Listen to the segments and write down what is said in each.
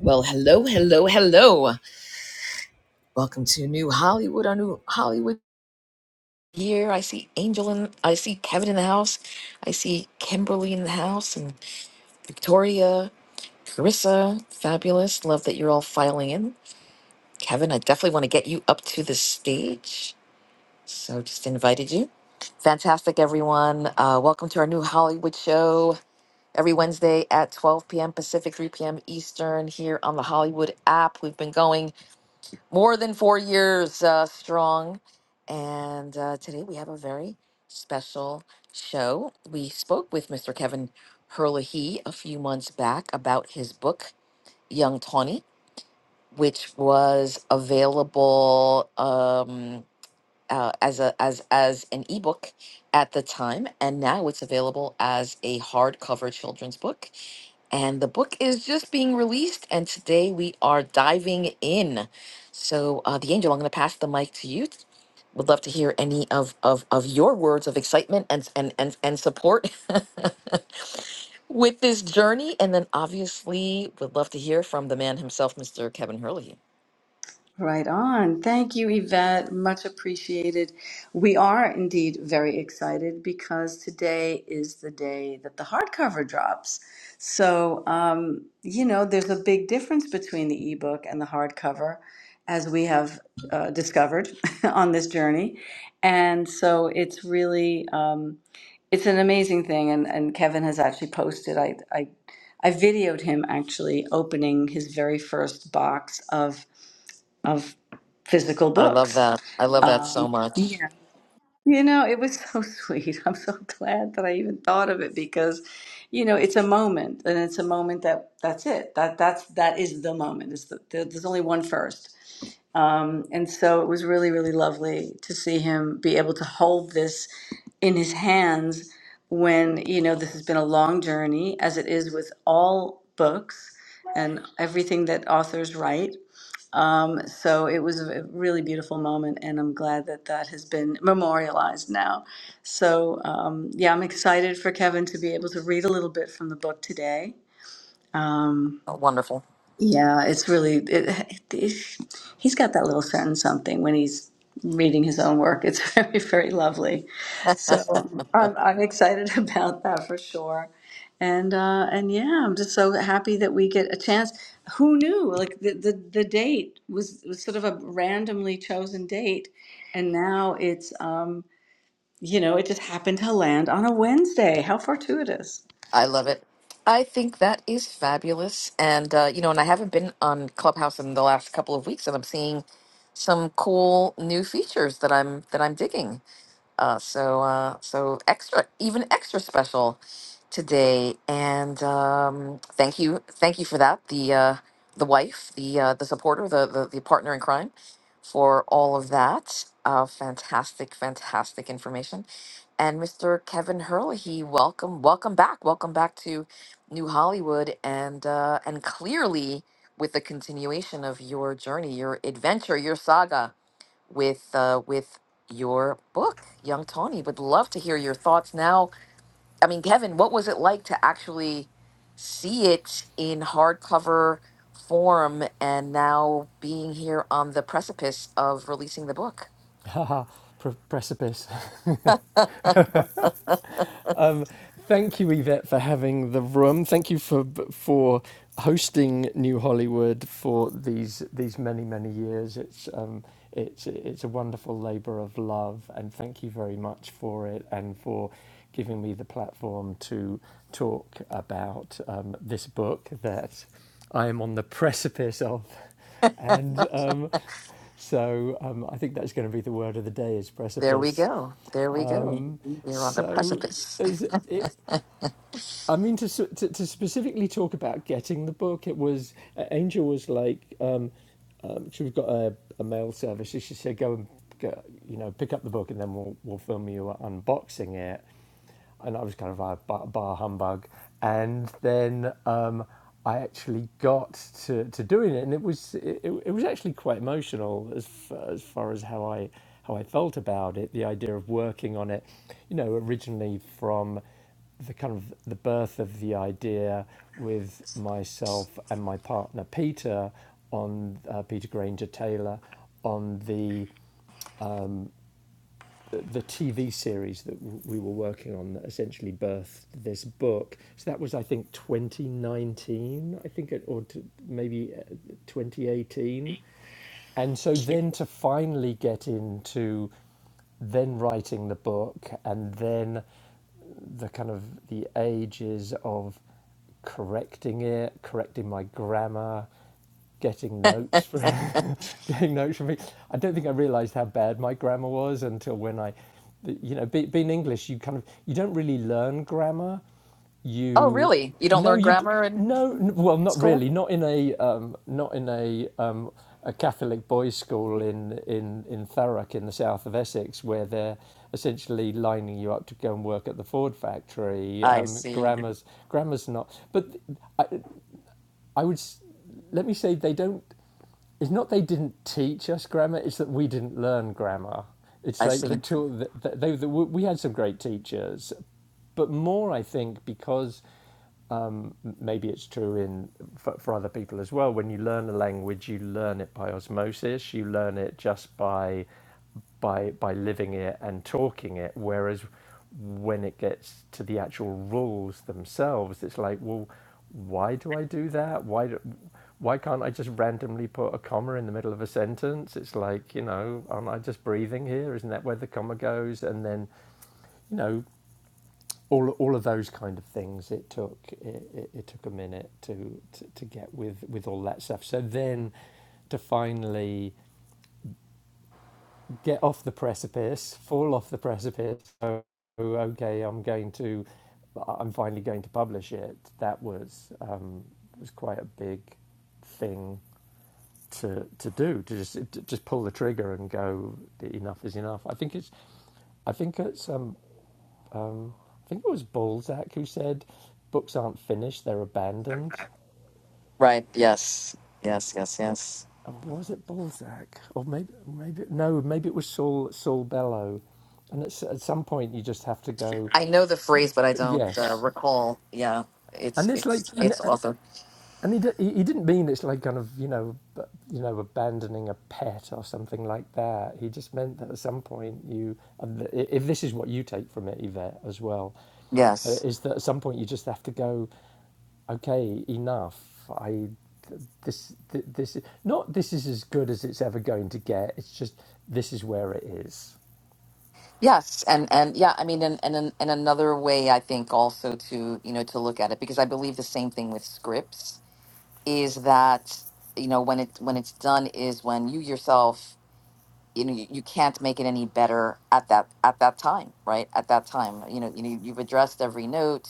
Well, hello, hello, hello. Welcome to New Hollywood, our new Hollywood here. I see Angel and I see Kevin in the house. I see Kimberly in the house and Victoria, Carissa. Fabulous. Love that you're all filing in. Kevin, I definitely want to get you up to the stage. So just invited you. Fantastic, everyone. Uh, welcome to our new Hollywood show every Wednesday at 12 p.m. Pacific, 3 p.m. Eastern here on the Hollywood app. We've been going. more than four years uh, strong. And uh, today we have a very special show. We spoke with Mr. Kevin Herlihy a few months back about his book, Young Tawny, which was available um, uh, as, a, as, as an ebook at the time. And now it's available as a hardcover children's book. And the book is just being released, and today we are diving in. So, uh, the angel, I'm going to pass the mic to you. Would love to hear any of of, of your words of excitement and and and, and support with this journey, and then obviously would love to hear from the man himself, Mr. Kevin Hurley. Right on. Thank you, Yvette. Much appreciated. We are indeed very excited because today is the day that the hardcover drops. So, um, you know, there's a big difference between the ebook and the hardcover, as we have uh, discovered on this journey. And so it's really, um, it's an amazing thing. And, and Kevin has actually posted, I, I, I videoed him actually opening his very first box of of physical I love books. that. I love that so Um, much. yeah, you know, it was so sweet. I'm so glad that I even thought of it because, you know, it's a moment, and it's a moment that that's it. That that's that is the moment. It's the, there- there's only one first. Um, and so it was really, really lovely to see him be able to hold this in his hands when, you know, this has been a long journey, as it is with all books and everything that authors write um, so it was a really beautiful moment, and I'm glad that that has been memorialized now. So, um, yeah, I'm excited for Kevin to be able to read a little bit from the book today. Um, Oh, wonderful. yeah, it's really it, it, he's got that little sentence something when he's reading his own work. It's very, very lovely. So I'm I'm excited about that for sure. And uh, and yeah, I'm just so happy that we get a chance. Who knew? Like the the, the date was was sort of a randomly chosen date, and now it's um you know it just happened to land on a Wednesday. How fortuitous! I love it. I think that is fabulous. And, uh, you know, and I haven't been on Clubhouse in the last couple of weeks, and I'm seeing some cool new features that I'm that I'm digging. Uh, so uh, so extra, even extra special today. And um, thank you, thank you for that. The uh, the wife, the uh, the supporter, the, the the partner in crime, for all of that. Uh, fantastic, fantastic information and Mr. Kevin Hurley. Welcome, welcome back, welcome back to New Hollywood, and uh, and clearly with the continuation of your journey, your adventure, your saga with uh, with your book, Young Tony. Would love to hear your thoughts now. I mean, Kevin, what was it like to actually see it in hardcover form, and now being here on the precipice of releasing the book? Haha, pre- precipice. Um, thank you, Yvette, for having the room. Thank you for for hosting New Hollywood for these these many many years. It's um, it's it's a wonderful labour of love, and thank you very much for it and for giving me the platform to talk about um, this book that I am on the precipice of, and um, so um, I think that's going to be the word of the day is There we precipice. go. There we go. Um, You're on the so precipice. as it, I mean, to, to to specifically talk about getting the book, it was uh, Angel was like, um, um, so we've got a, a mail service. She said, go and go, you know pick up the book, and then we'll we'll film you unboxing it and I was kind of a bar, bar humbug. And then um, I actually got to, to doing it, and it was it, it was actually quite emotional as far, as far as how I how I felt about it. The idea of working on it, you know, originally from the kind of the birth of the idea with myself and my partner Peter on uh, Peter Granger Taylor on the the TV series that w- we were working on that essentially birthed this book. So that was, I think, 2019, I think, it, or t- maybe uh, 2018. And so then to finally get into then writing the book and then the kind of the ages of correcting it, correcting my grammar, getting notes for getting notes from me. I don't think I realised how bad my grammar was until when I, you know, be, being English, you kind of you don't really learn grammar Oh, you really? You don't no learn you grammar in no well not school? really not in a um, not in a um, a Catholic boys' school in in in Thurrock in the south of Essex where they're essentially lining you up to go and work at the Ford factory. I Um, see. grammar's grammar's not, but I, I would let me say they don't. It's not they didn't teach us grammar; it's that we didn't learn grammar. It's I like see. the tool that they, that we had some great teachers, but more I think because um, maybe it's true in for, for other people as well. When you learn a language, you learn it by osmosis. You learn it just by by by living it and talking it whereas when it gets to the actual rules themselves it's like well why do i do that why do, why can't i just randomly put a comma in the middle of a sentence it's like you know aren't i just breathing here isn't that where the comma goes and then you know all, all of those kind of things it took it, it, it took a minute to, to to get with with all that stuff so then to finally get off the precipice, fall off the precipice. So, okay, I'm going to, I'm finally going to publish it. That was um, was quite a big thing to to do to just to just pull the trigger and go enough is enough. I think it's, I think it's, um, I think it was Balzac who said, books aren't finished, they're abandoned. Right. Yes. Yes. Yes. Yes. Or Was it Balzac or maybe maybe no, maybe it was Saul Saul Bellow. And it's, at some point, you just have to go. I know the phrase, but I don't uh, Yes, recall. Yeah. and It's it's like, it's and it's author. and he, d- he didn't mean it's like kind of you know, b- you know, abandoning a pet or something like that. He just meant that at some point you, and th- if this is what you take from it, Yvette, as well, uh, Yes. is that at some point you just have to go, okay, enough. I this th- this not this is as good as it's ever going to get. It's just this is where it is. Yes. And and yeah. I mean, and and an- and another way I think also to you know to look at it because I believe the same thing with scripts is that you know when it when it's done is when you yourself you know you, you can't make it any better at that at that time right at that time you know you know you've addressed every note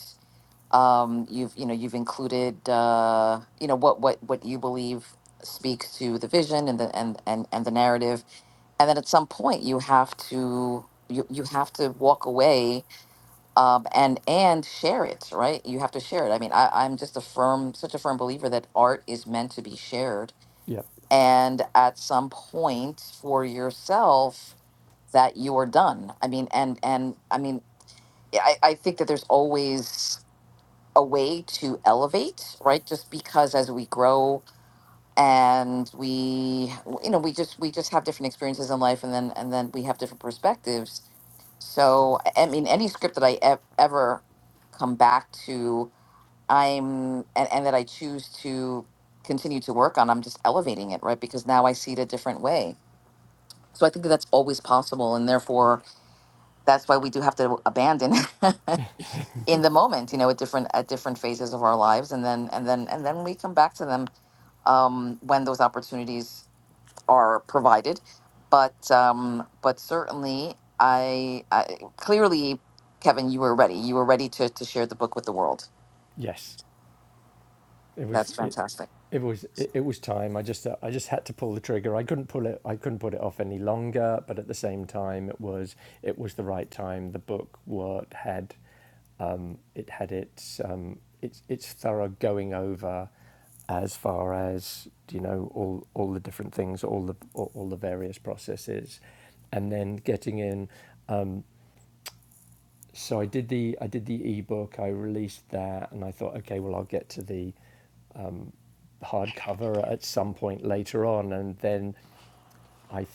um you've you know you've included uh you know what what what you believe speaks to the vision and the and and, and the narrative and then at some point you have to you, you have to walk away um, and and share it right you have to share it i mean I, i'm just a firm such a firm believer that art is meant to be shared Yep. and at some point for yourself that you are done. I mean, and and I mean, I, I think that there's always a way to elevate, right? Just because as we grow and we, you know, we just we just have different experiences in life, and then and then we have different perspectives. So I I mean, any script that I ev- ever come back to, I'm and, and that I choose to continue to work on, I'm just elevating it, right? Because now I see it a different way. So I think that that's always possible, and therefore that's why we do have to abandon in the moment you know at different at different phases of our lives and then and then and then we come back to them um, when those opportunities are provided but um, but certainly I, I clearly kevin you were ready you were ready to to share the book with the world Yes. it was that's it, fantastic it was it, it was time. I just uh, I just had to pull the trigger. I couldn't pull it. I couldn't put it off any longer. But at the same time, it was it was the right time. The book worked had um, it had its um, its its thorough going over as far as you know all all the different things, all the all, all the various processes, and then getting in. So I did the I did the ebook. I released that, and I thought, okay, well, I'll get to the hardcover at some point later on, and then I. Th-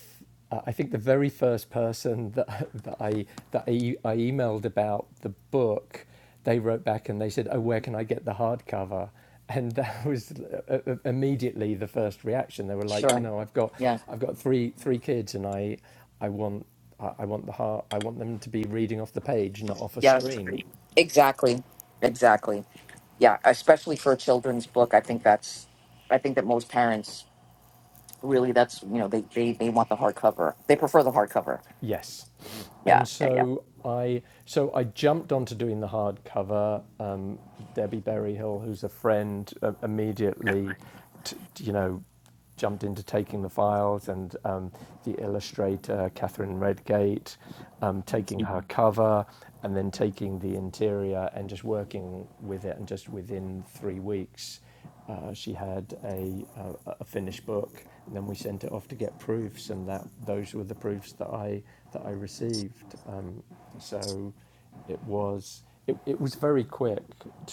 I think the very first person that, that I that I, I emailed about the book, they wrote back and they said, "Oh, where can I get the hardcover?" and that was uh, uh, immediately the first reaction. They were like, you sure know, I've got, yeah I've got three three kids, and I, I want, I want the hard I want them to be reading off the page, not off a yeah screen. exactly exactly yeah especially for a children's book i think that's i think that most parents really that's you know they they, they want the hardcover they prefer the hardcover Yes. yeah And yeah yeah so I so I jumped onto doing the hardcover. Um, Debbie Berryhill, who's a friend, uh, immediately, t- you know, jumped into taking the files, and um, the illustrator Catherine Redgate, um, taking her cover, and then taking the interior, and just working with it, and just within three weeks, uh, she had a, a a finished book, and then we sent it off to get proofs, and that those were the proofs that I that I received. Um, so it was it, it was very quick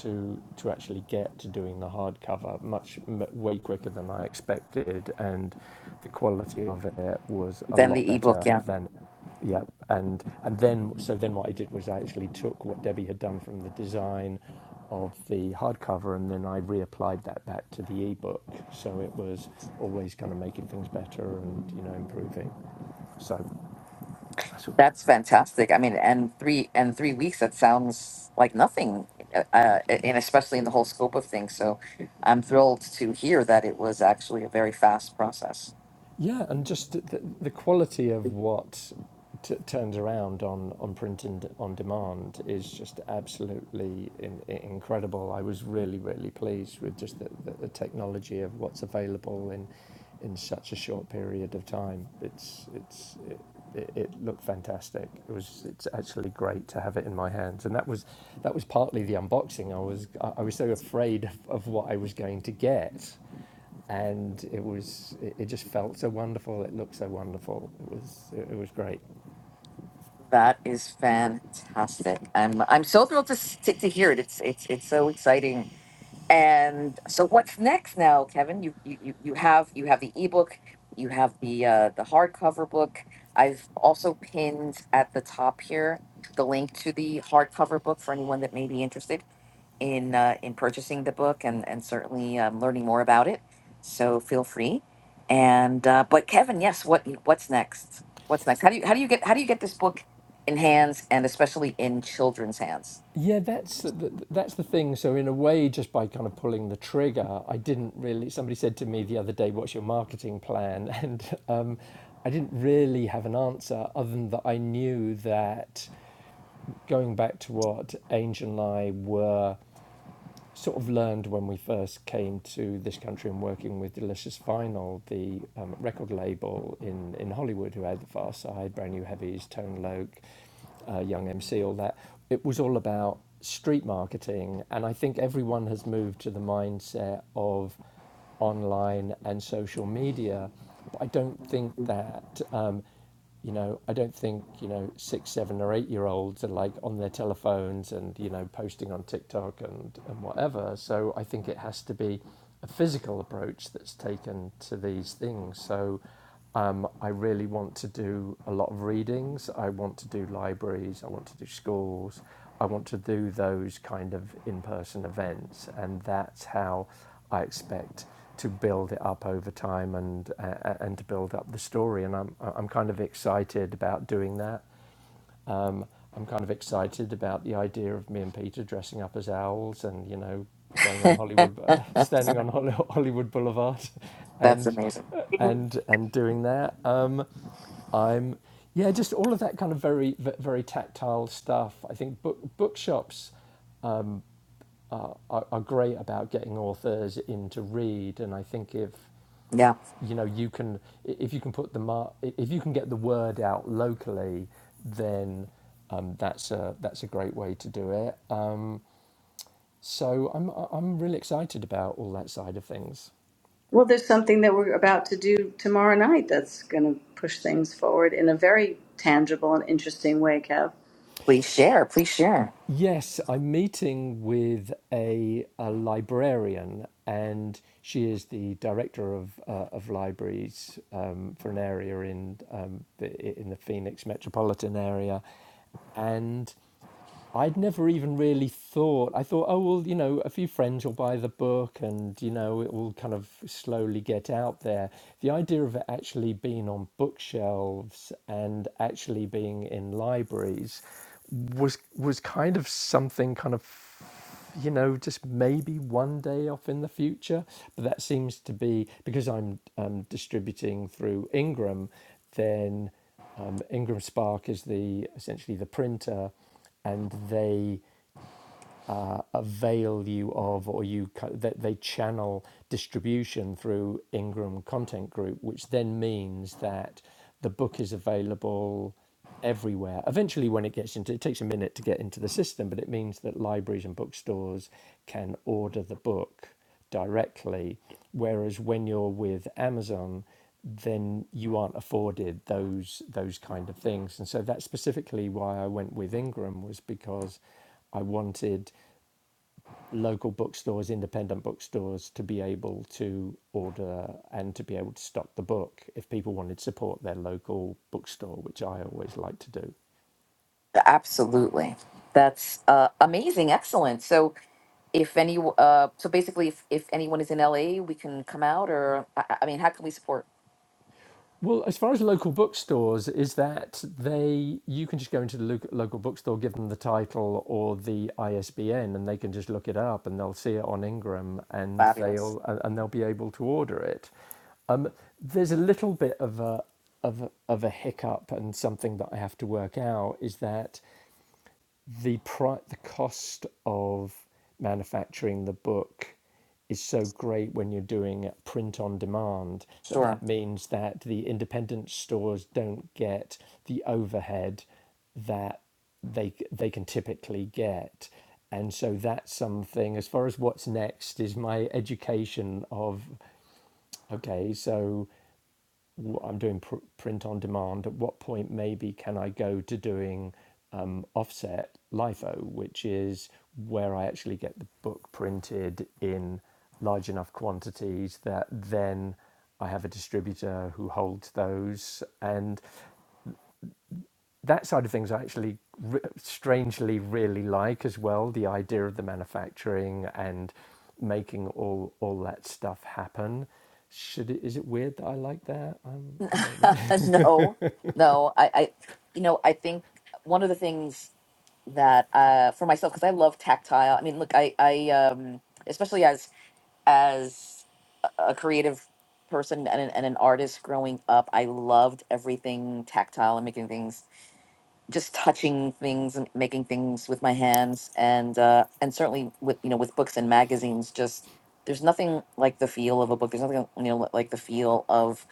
to to actually get to doing the hardcover much way quicker than I expected and the quality of it was a then lot the ebook better yeah than yeah, and and then so then what I did was I actually took what Debbie had done from the design of the hardcover, and then I reapplied that back to the ebook. So it was always kind of making things better and you know improving. So that's what, that's fantastic i mean and three and three weeks that sounds like nothing uh, uh, and especially in the whole scope of things so i'm thrilled to hear that it was actually a very fast process Yeah, and just the, the quality of what t- turns around on on print and on demand is just absolutely in, i incredible. I was really really pleased with just the, the, the technology of what's available in in such a short period of time. It's it's it, it, it looked fantastic. It was it's actually great to have it in my hands, and that was that was partly the unboxing. I was I I was so afraid of, of what I was going to get and it was it, it just felt so wonderful. It looked so wonderful. It was it, it was great. that is fantastic i'm i'm so thrilled to s- to, to hear it it's it's it's so exciting And so, what's next now, Kevin? You you you you have you have the ebook, you have the uh, the hardcover book. I've also pinned at the top here the link to the hardcover book for anyone that may be interested in uh, in purchasing the book and and certainly um, learning more about it. So feel free. And uh, but Kevin, yes, what what's next? What's next? How do you how do you get how do you get this book in hands and especially in children's hands? Yeah, that's the, that's the thing. So in a way, just by kind of pulling the trigger, I didn't really. Somebody said to me the other day, "What's your marketing plan?" And um, I didn't really have an answer other than that I knew that going back to what Ange and I were sort of learned when we first came to this country and working with Delicious Vinyl, the um, record label in, in Hollywood who had the Far Side, Brand New Heavies, Tone Loc, uh, Young MC, all that. It was all about street marketing, and I think everyone has moved to the mindset of online and social media, but I don't think that. Um, you know, I don't think, you know, six, seven, or eight year olds are like on their telephones and, you know, posting on TikTok and, and whatever. So I think it has to be a physical approach that's taken to these things. So um, I really want to do a lot of readings. I want to do libraries. I want to do schools. I want to do those kind of in person events. And that's how I expect to build it up over time and uh, uh, and to build up the story. And I'm I'm kind of excited about doing that. Um, I'm kind of excited about the idea of me and Peter dressing up as owls and you know going on Hollywood, standing on Hol- Hollywood Boulevard, That's and amazing. uh, and and doing that. Um, I'm yeah, just all of that kind of very very tactile stuff. I think book bookshops are, are, are great about getting authors in to read. And I think if Yeah, you know you can, if you can put the mar- if you can get the word out locally, then um, that's a that's a great way to do it. Um, so I'm I'm really excited about all that side of things. Well, there's something that we're about to do tomorrow night that's going to push things forward in a very tangible and interesting way, Kev. please share. Please share. Yes, I'm meeting with a, a librarian, and she is the director of uh, of libraries um, for an area in um, the, in the Phoenix metropolitan area, and I'd never even really thought. I thought, oh well, you know, a few friends will buy the book, and you know, it will kind of slowly get out there. The idea of it actually being on bookshelves and actually being in libraries was was kind of something kind of you know just maybe one day off in the future but that seems to be because i'm um, distributing through ingram then um, ingram spark is the essentially the printer and they uh, avail you of, or you that they channel distribution through Ingram Content Group, which then means that the book is available everywhere. Eventually, when it gets into, it takes a minute to get into the system, but it means that libraries and bookstores can order the book directly. Whereas when you're with Amazon, then you aren't afforded those those kind of things. And so that's specifically why I went with Ingram was because I wanted local bookstores, independent bookstores, to be able to order and to be able to stock the book if people wanted to support their local bookstore, which I always like to do. Absolutely. That's uh, amazing. Excellent. So if any, uh, so basically if, if anyone is in LA, we can come out or, I, I I mean, how can we support? Well, as far as local bookstores, is that they you can just go into the local bookstore, give them the title or the ISBN, and they can just look it up, and they'll see it on Ingram, and Fabulous. they'll and and they'll be able to order it. Um, there's a little bit of a of a, of a hiccup and something that I have to work out is that the pri- the cost of manufacturing the book is so great when you're doing print on demand that that Sure. means that the independent stores don't get the overhead that they they can typically get and so that's something as far as what's next is my education of okay so i I'm doing pr- print on demand. At what point maybe can I go to doing um, offset LIFO, which is where I actually get the book printed in large enough quantities that then I have a distributor who holds those. And that side of things I actually re- strangely really like as well the idea of the manufacturing and making all, all that stuff happen. Should it, is it weird that I like that? Um, I don't know. no, no, I, I, you know, I think one of the things that, uh, for myself, cause I love tactile. I mean, look, I, I, um, especially as, as a creative person and an, and an artist growing up, I loved everything tactile and making things just touching things and making things with my hands and uh and certainly with you know with books and magazines just there's nothing like the feel of a book there's nothing you know like the feel of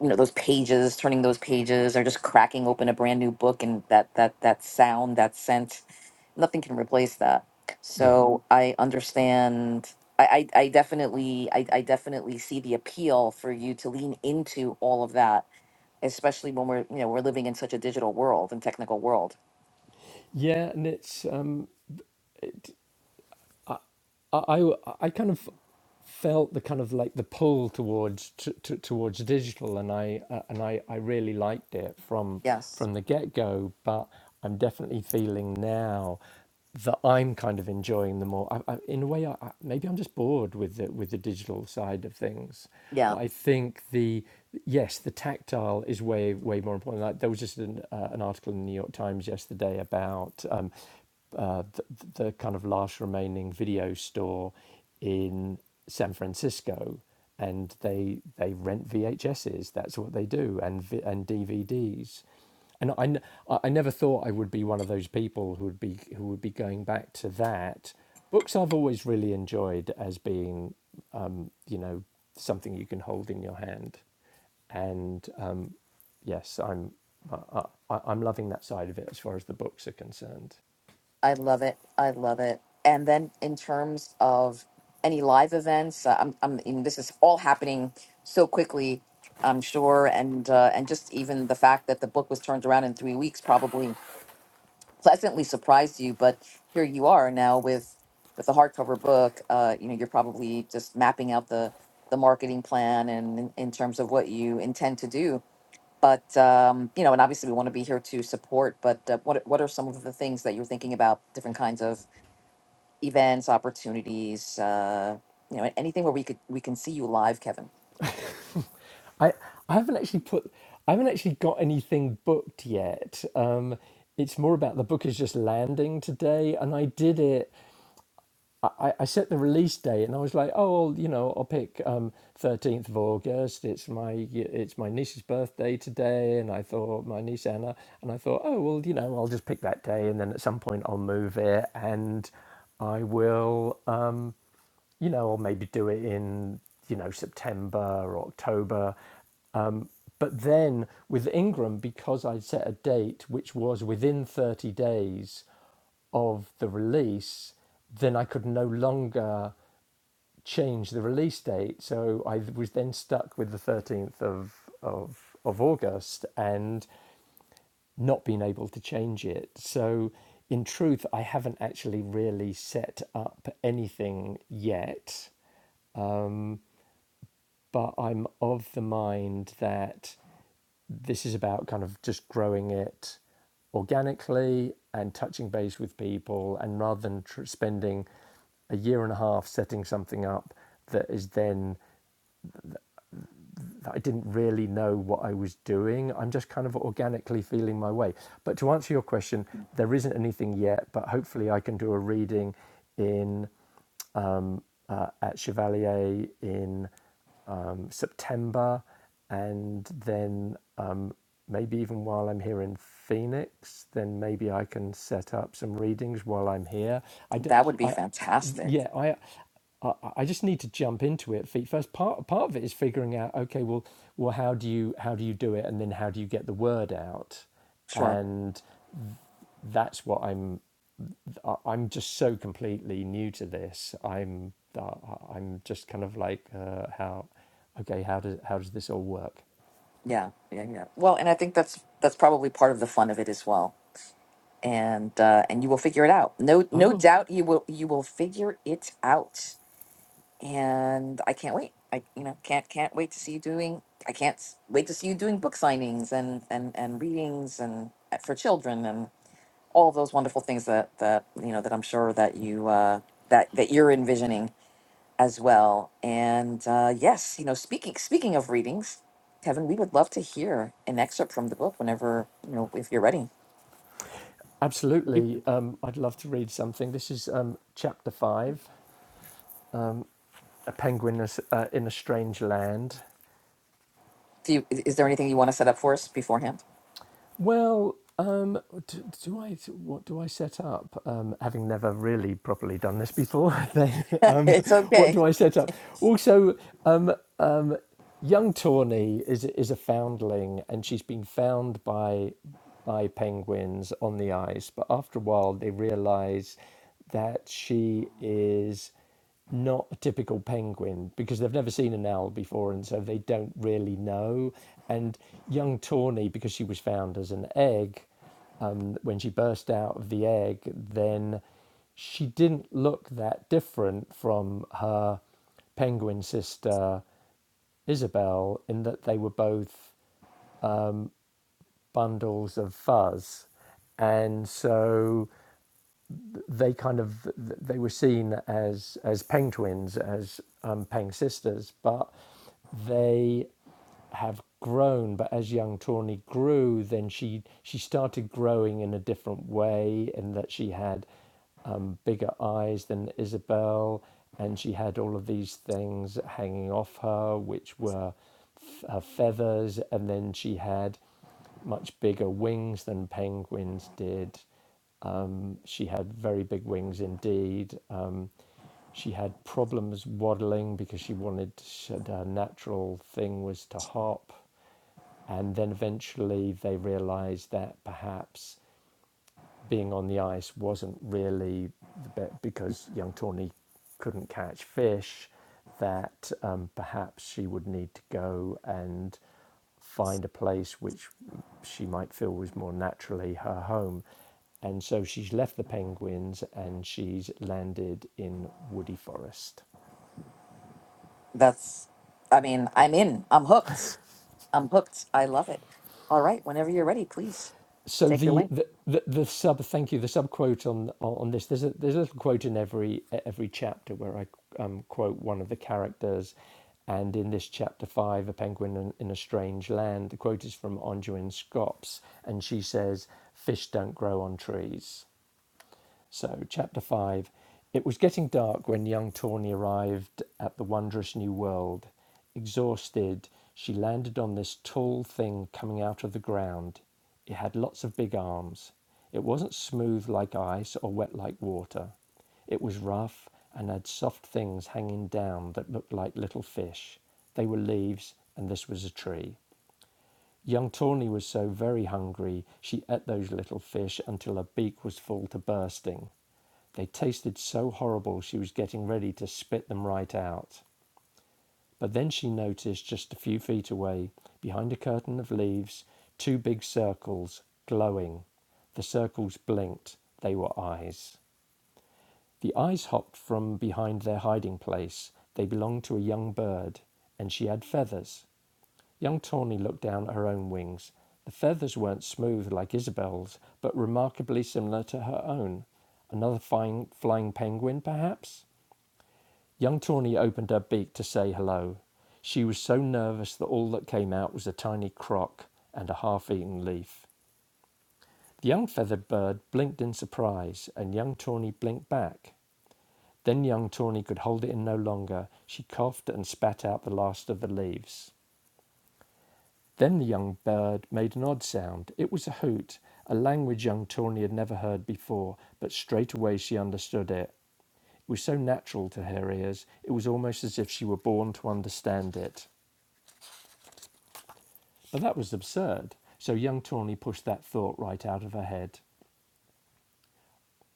you know those pages turning those pages or just cracking open a brand new book and that that that sound that scent nothing can replace that Yeah, so Mhm. i understand I, I, I definitely I, I definitely see the appeal for you to lean into all of that especially when we're you know we're living in such a digital world and technical world yeah, and it's um, it. I, I, I, I kind of felt the kind of like the pull towards t- t- towards digital, and I uh, and I, I really liked it from Yes. from the get go. But I'm definitely feeling now that I'm kind of enjoying the more. I, I, in a way, I, I, maybe I'm just bored with the with the digital side of things. Yeah. But I think the yes, the tactile is way way more important. Like, there was just an, uh, an article in the New York Times yesterday about. Um, uh, the, the kind of last remaining video store in San Francisco, and they they rent VHSs. That's what they do, and vi- and DVDs. And I I never thought I would be one of those people who would be who would be going back to that. Books I've always really enjoyed as being, um, you know, something you can hold in your hand, and um, yes, I'm I, I, I'm loving that side of it as far as the books are concerned. I love it. I love it. And then in terms of any live events, uh, I'm, I'm, and this is all happening so quickly, I'm sure. And, uh, and just even the fact that the book was turned around in three weeks probably pleasantly surprised you, but here you are now with, with the hardcover book, uh, you know, you're probably just mapping out the, the marketing plan and in, in terms of what you intend to do But um, you know, and obviously we want to be here to support. But uh, what what are some of the things that you're thinking about? Different kinds of events, opportunities. Uh, you know, anything where we could we can see you live, Kevin. I I haven't actually put I haven't actually got anything booked yet. Um, it's more about the book is just landing today, and I did it. I, I I set the release date, and I was like, oh, well, you know, I'll pick um, thirteenth of August. It's my it's my niece's birthday today, and I thought my niece Anna, and I thought, oh well, you know, I'll just pick that day, and then at some point I'll move it, and I will, um, you know, or maybe do it in, you know, September or October. But then with Ingram, because I'd set a date which was within 30 days of the release, then I could no longer change the release date. So I was then stuck with the 13th of, of, of August and not being able to change it. So in truth, I haven't actually really set up anything yet, but I'm of the mind that This is about kind of just growing it organically and touching base with people, and rather than tr- spending a year and a half setting something up that is then that I didn't really know what I was doing. I'm just kind of organically feeling my way. But to answer your question, there isn't anything yet, but hopefully I can do a reading in uh, at Chevalier in um, September, and then um, maybe even while I'm here in Phoenix, then maybe I can set up some readings while I'm here. I do, That would be I, fantastic. yeah, I, I, I just need to jump into it feet first. Part part of it is figuring out, okay, well, well, how do you how do you do it, and then how do you get the word out, Sure. and that's what I'm I- I'm just so completely new to this. I'm uh, I'm just kind of like uh, how okay how does how does this all work? Yeah. Yeah. Yeah. Well, and I think that's that's probably part of the fun of it as well. And uh, and you will figure it out. No I no will. doubt you will you will figure it out. and I can't wait. I you know can't can't wait to see you doing. I can't s- wait to see you doing book signings and and and readings and uh, for children and all of those wonderful things that that you know that I'm sure that you uh, that that you're envisioning as well. And uh, yes, you know speaking speaking of readings, Kevin, we would love to hear an excerpt from the book whenever you know if you're ready. Absolutely, um, I'd love to read something. This is um, chapter five: A penguin is, uh, in a strange land. Do you, is is there anything you want to set up for us beforehand? Well, um, do, do I what do I set up? Um, having never really properly done this before, then um, it's what okay. do I set up? Also, um, um, young Tawny is is a foundling, and she's been found by by penguins on the ice. But after a while, they realise that she is not a typical penguin because they've never seen an owl before, and so they don't really know. And young Tawny, because she was found as an egg, um, when she burst out of the egg, then she didn't look that different from her penguin sister Isabel in that they were both bundles of fuzz. And so they kind of they were seen as as Peng twins, as um, Peng sisters, but they have grown. But as young Tawny grew, then she she started growing in a different way, in that she had um, bigger eyes than Isabel, and she had all of these things hanging off her, which were her feathers, and then she had much bigger wings than penguins did. Um, she had very big wings indeed. Um, she had problems waddling because she wanted she had- her natural thing was to hop, and then eventually they realised that perhaps being on the ice wasn't really the bit because young Tawny couldn't catch fish, that um, perhaps she would need to go and find a place which she might feel was more naturally her home. And so she's left the penguins and she's landed in Woody Forest. That's. I mean, I'm in. I'm hooked. I'm hooked. I love it. All right. Whenever you're ready, please so take it the away. the, the the sub thank you the sub quote on on this there's a there's a little quote in every every chapter where I um, quote one of the characters, and in this chapter five, a penguin in, in a strange land. The quote is from Anjouin Scops, and she says, "Fish don't grow on trees." So, chapter 5 It was getting dark when young Tawny arrived at the wondrous new world. Exhausted, she landed on this tall thing coming out of the ground. It had lots of big arms. It wasn't smooth like ice or wet like water. It was rough and had soft things hanging down that looked like little fish. They were leaves, and this was a tree. Young Tawny was so very hungry she ate those little fish until her beak was full to bursting. They tasted so horrible she was getting ready to spit them right out. But then she noticed just a few feet away, behind a curtain of leaves, two big circles, glowing. The circles blinked. They were eyes. The eyes hopped from behind their hiding place. They belonged to a young bird, and she had feathers. Young Tawny looked down at her own wings. The feathers weren't smooth like Isabel's, but remarkably similar to her own. Another fine flying penguin, perhaps? Young Tawny opened her beak to say hello. She was so nervous that all that came out was a tiny crock and a half eaten leaf. The young feathered bird blinked in surprise, and young Tawny blinked back. Then young Tawny could hold it in no longer. She coughed and spat out the last of the leaves. Then the young bird made an odd sound. It was a hoot, a language young Tawny had never heard before, but straight away she understood it. It was so natural to her ears, it was almost as if she were born to understand it. But that was absurd, so young Tawny pushed that thought right out of her head.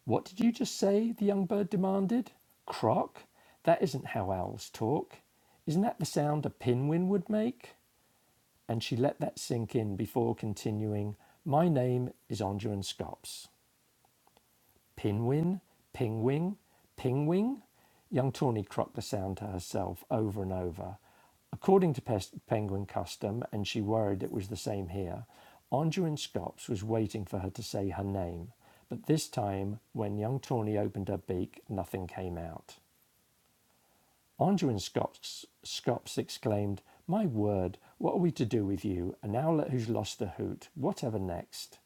What did you just say? the young bird demanded. Croc? That isn't how owls talk. Isn't that the sound a pinwin would make? And she let that sink in before continuing, My name is Ondran Scops. Pinwin, pingwing, pingwing. Young Tawny crocked the sound to herself over and over. According to pes- penguin custom, and she worried it was the same here, Anduin Scops was waiting for her to say her name. But this time, when young Tawny opened her beak, nothing came out. Anduin Scops, Scops exclaimed, My word, what are we to do with you? An now who's lost the hoot, whatever next?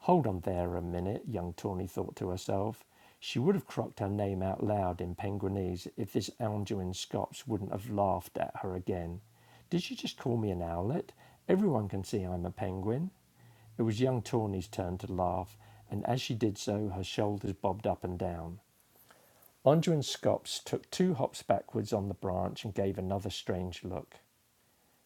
Hold on there a minute, young Tawny thought to herself. She would have croaked her name out loud in Penguinese if this Algerine Scops wouldn't have laughed at her again. Did she just call me an owlet? Everyone can see I'm a penguin. It was young Tawny's turn to laugh, and as she did so, her shoulders bobbed up and down. Andrew Scops took two hops backwards on the branch and gave another strange look.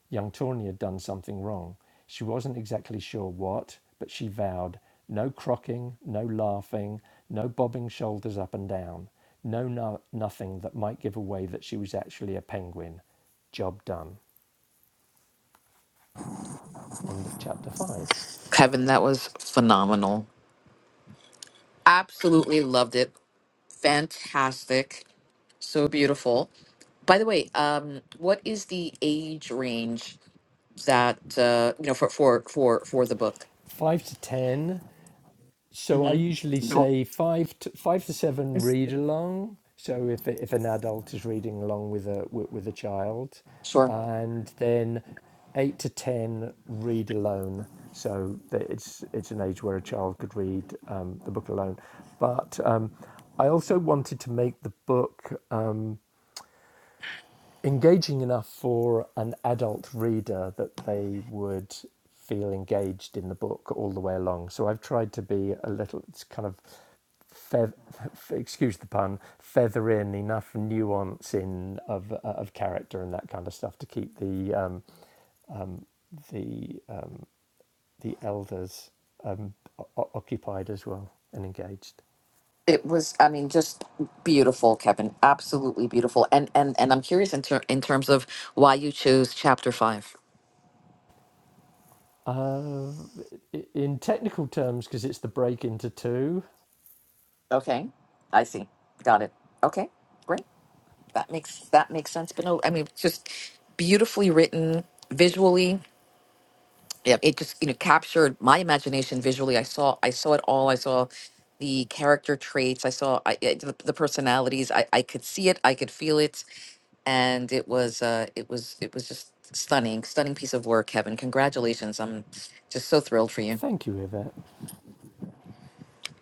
Young Tawny had done something wrong. She wasn't exactly sure what, but she vowed no crocking, no laughing, no bobbing shoulders up and down, no, no nothing that might give away that she was actually a penguin. Job done. End of chapter 5. Kevin, that was phenomenal. Absolutely loved it. Fantastic. So beautiful. By the way, um, what is the age range that uh, you know for for for for the book? 5 to 10. So I hmm usually say five to, five to seven read along. So if if an adult is reading along with a with, with a child, Sure. and then eight to ten read alone. So it's it's an age where a child could read um, the book alone. But um, I also wanted to make the book engaging enough for an adult reader that they would feel engaged in the book all the way along. So I've tried to be a little, it's kind of, feather. excuse the pun, feather in enough nuance in of uh, of character and that kind of stuff to keep the um, the uh, the elders um, o- occupied as well and engaged. It was, I mean, just beautiful, Kevin. Absolutely beautiful. And and and I'm curious in ter- in terms of why you chose chapter five. Uh, in technical terms, because it's the break into two. okay. I see. Got it. Okay. Great. that makes that makes sense but no i mean it's just beautifully written visually Yep. it just you know captured my imagination visually i saw i saw it all i saw the character traits i saw I, I- the, the personalities I, I could see it i could feel it and it was uh it was it was just stunning stunning piece of work kevin congratulations i'm just so thrilled for you Thank you, Yvette.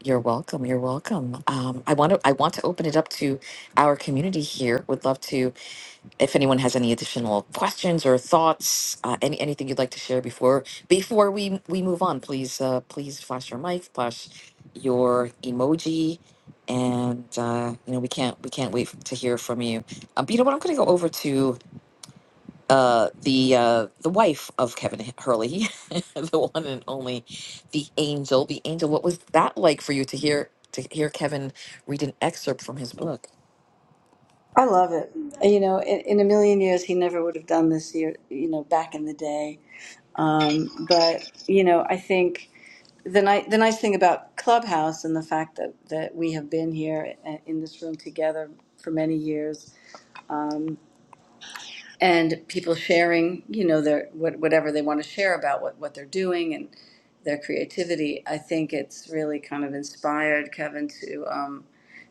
You're welcome. You're welcome. Um, I want to. I want to open it up to our community here. Would love to if anyone has any additional questions or thoughts, uh, any anything you'd like to share before before we we move on, please uh, please flash your mic, flash your emoji, and uh, you know we can't we can't wait to hear from you. Um, but you know what? I'm going to go over to uh, the uh, the wife of Kevin H- Hurley, the one and only, the angel, the angel. What was that like for you to hear to hear Kevin read an excerpt from his book? I love it. You know, in, in a million years, he never would have done this year, you know, back in the day. Um, but, you know, I think the, ni- the nice thing about Clubhouse and the fact that, that we have been here uh, in this room together for many years and people sharing, you know, their what, whatever they want to share about what, what they're doing and their creativity. I think it's really kind of inspired Kevin to um,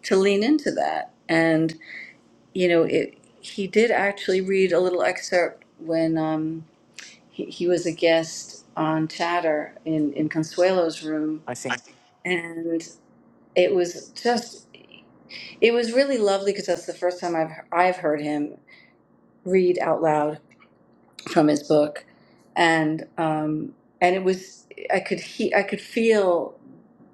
to lean into that. And you know, it, he did actually read a little excerpt when um, he, he was a guest on Chatter in in Consuelo's room, I think and it was just it was really lovely because that's the first time I've I've heard him read out loud from his book, and um, and it was I could he I could feel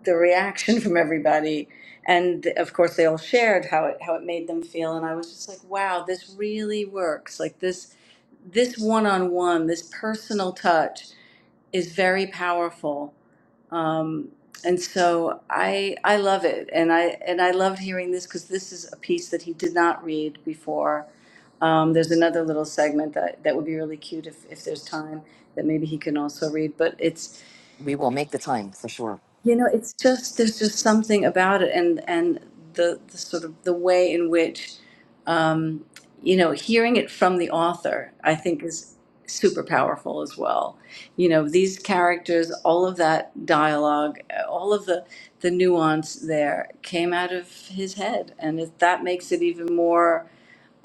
the reaction from everybody, and of course they all shared how it how it made them feel, and I was just like, wow, this really works. Like this this one on one, this personal touch is very powerful. Um, and so I I love it, and I and I loved hearing this because this is a piece that he did not read before. Um, there's another little segment that that would be really cute if if there's time that maybe he can also read, but it's. we will make the time for sure. You know, it's just there's just something about it, and and the, the sort of the way in which, um, you know, hearing it from the author, I think, is super powerful as well. You know, these characters, all of that dialogue, uh, all of the the nuance there came out of his head, and it, that makes it even more.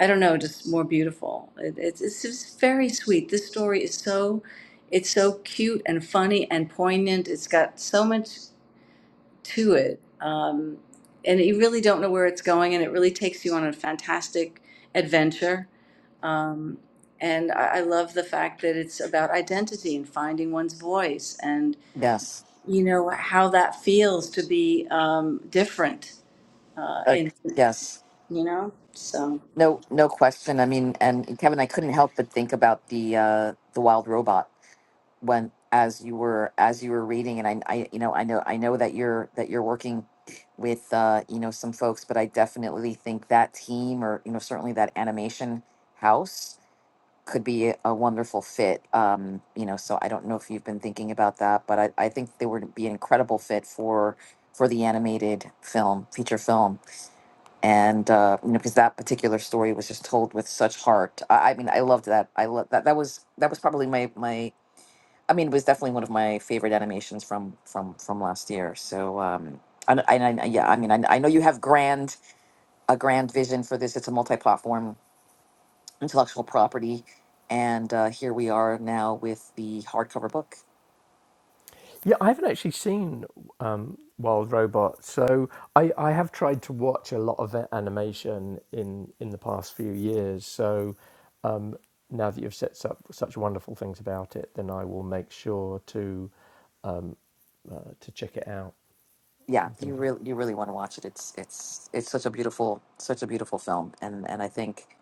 I don't know, just more beautiful. It, it's it's just very sweet. This story is so it's so cute and funny and poignant. It's got so much to it. Um, and you really don't know where it's going, and it really takes you on a fantastic adventure. Um, and I, I love the fact that it's about identity and finding one's voice, and Yes. you know how that feels to be um, different. Uh, Uh, in yes. you know, so No, no question. I mean, and Kevin, I couldn't help but think about the uh, the wild robot. when as you were as you were reading and I, I you know I know I know that you're that you're working with uh you know some folks but I definitely think that team or you know certainly that animation house could be a, a wonderful fit um you know so I don't know if you've been thinking about that but I, I think they would be an incredible fit for for the animated film feature film and uh you know because that particular story was just told with such heart I, I mean I loved that I love that that was that was probably my my I mean, it was definitely one of my favorite animations from from from last year. So, um, and, and I, yeah, I mean, I, I know you have grand a grand vision for this. It's a multi-platform intellectual property, and uh, here we are now with the hardcover book. Yeah, I haven't actually seen um, Wild Robot, so I, I have tried to watch a lot of a- animation in in the past few years. So um, now that you've set up such wonderful things about it, then I will make sure to um, uh, to check it out. Yeah, I'm going you to be. really you really want to watch it. It's it's it's such a beautiful such a beautiful film, and and I think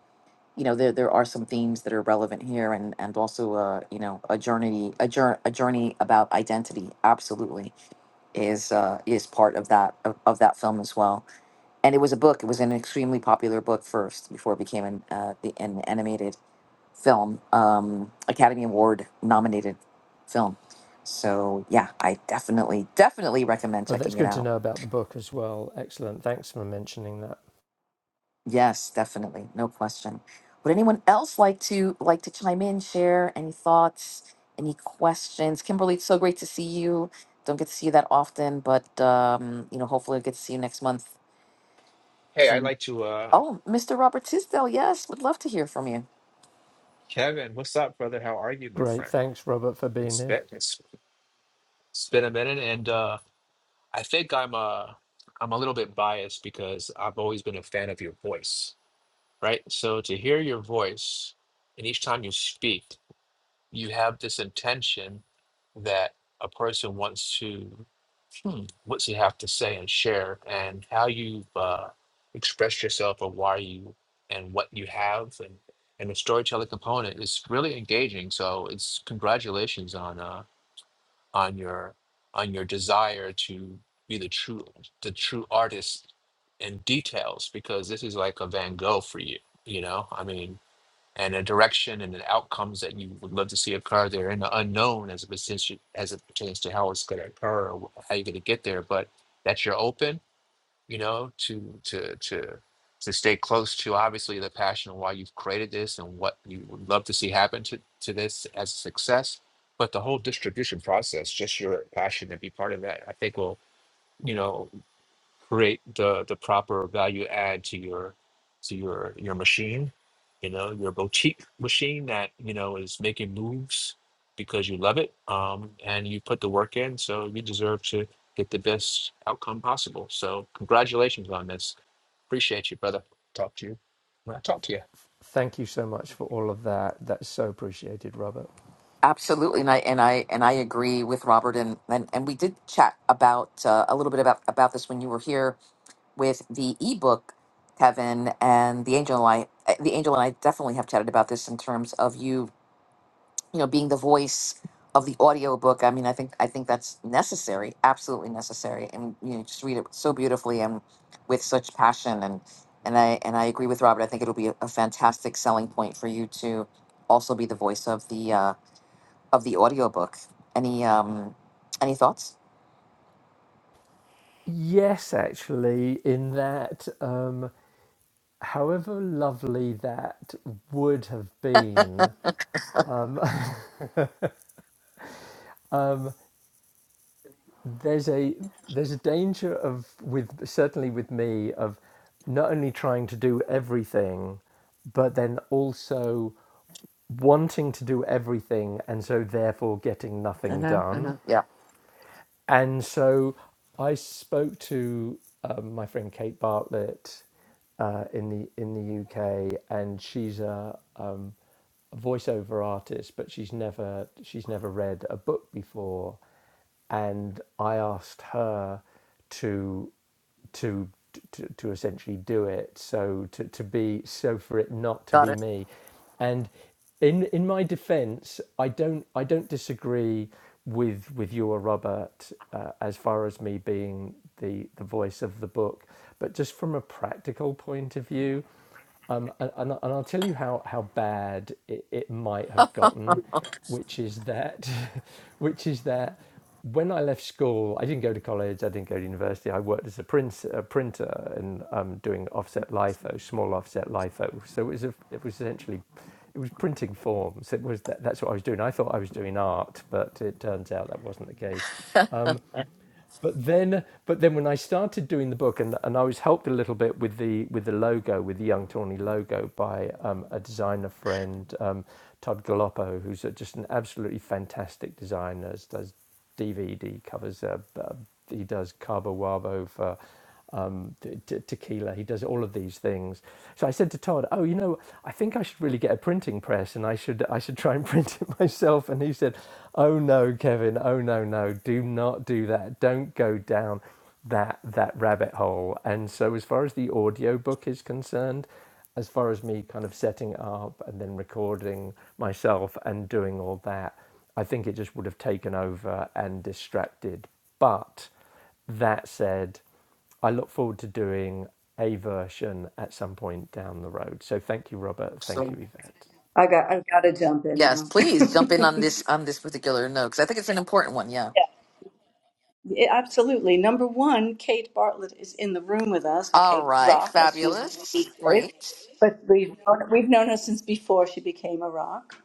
you know there there are some themes that are relevant here, and and also uh, you know a journey a jour- a journey about identity, absolutely is uh, is part of that of, of that film as well. And it was a book. It was an extremely popular book first before it became an uh, the, an animated film, um, Academy Award nominated film. So yeah, I definitely definitely recommend Oh, that's checking it good to out. know about the book as well. Excellent. Thanks for mentioning that. Yes, definitely, no question. Would anyone else like to like to chime in, share any thoughts, any questions? Kimberly, it's so great to see you. Don't get to see you that often, but um, you know, hopefully, I get to see you next month Hey, because I'd I'm like to, uh, Oh, Mr. Robert Tisdale, yes, would love to hear from you. Kevin, what's up, brother? How are you, my Great. friend? Thanks, Robert, for being It's here. been it's, it's been a minute, and uh, I think I'm uh I'm a little bit biased because I've always been a fan of your voice, right? So to hear your voice, and each time you speak, you have this intention that a person wants to. hmm, what you have to say and share and how you uh, express yourself or why you and what you have and and the storytelling component is really engaging so it's congratulations on uh on your on your desire to be the true the true artist in details because this is like a van gogh for you you know i mean and a direction and the outcomes that you would love to see occur. They're in the unknown as it pertains to, as it pertains to how it's going to occur or wh- how you're going to get there. But that you're open, you know, to to to to stay close to obviously the passion of why you've created this and what you would love to see happen to to this as a success. But the whole distribution process, just your passion to be part of that, I think will you know create the the proper value add to your to your your machine you know your boutique machine that you know is making moves because you love it um and you put the work in so you deserve to get the best outcome possible so congratulations on this appreciate you brother talk to you when i talk to you Thank you so much for all of that. That's so appreciated, Robert. Absolutely, and I and I and I agree with Robert, and and, and we did chat about uh, a little bit about about this when you were here with the ebook, Kevin and the angel and I. eh, The angel and I definitely have chatted about this in terms of you you know being the voice of the audiobook i mean i think i think that's necessary absolutely necessary and you know just read it so beautifully and with such passion and and i and i agree with robert i think it'll be a, a fantastic selling point for you to also be the voice of the uh of the audiobook any um any thoughts Yes, actually, in that. Um, however lovely that would have been, um, um, there's a there's a danger of with certainly with me of not only trying to do everything, but then also wanting to do everything and so therefore getting nothing mm-hmm, done. mm-hmm. yeah and so I spoke to um, my friend Kate Bartlett uh, in the in the UK, and she's a, um, a voiceover artist, but she's never she's never read a book before, and I asked her to to to, to essentially do it so to, to be so for it not to got be it me and in in my defense i don't i don't disagree with with you or robert uh, as far as me being the the voice of the book but just from a practical point of view um, and, and, I'll tell you how, how bad it, it might have gotten, which is that, which is that when I left school, I didn't go to college, I didn't go to university. I worked as a, print, a printer and um, doing offset LIFO, small offset LIFO. So it was, a, it was essentially, it was printing forms. It was that, that's what I was doing. I thought I was doing art, but it turns out that wasn't the case but then but then when I started doing the book and and I was helped a little bit with the with the logo with the Young Tawny logo by um, a designer friend um, Todd Galoppo who's just an absolutely fantastic designer does DVD covers uh, uh, he does Cabo Wabo for um, t- t- tequila. He does all of these things. So I said to Todd, "Oh, you know, I think I should really get a printing press, and I should I should try and print it myself." And he said, "Oh no, Kevin. Oh no, no. Do not do that. Don't go down that that rabbit hole." And so, as far as the audio book is concerned, as far as me kind of setting up and then recording myself and doing all that, I think it just would have taken over and distracted. But that said. I look forward to doing a version at some point down the road. So thank you, Robert. Thank you, so Yvette. I got I have got to jump in yes now. please jump in on this on this particular note because i think it's an important one yeah Yeah, absolutely. Number one, Kate Bartlett is in the room with us, or all Kate right Rock, as she's known fabulous these days. great But we've known, we've known her since before she became a rock.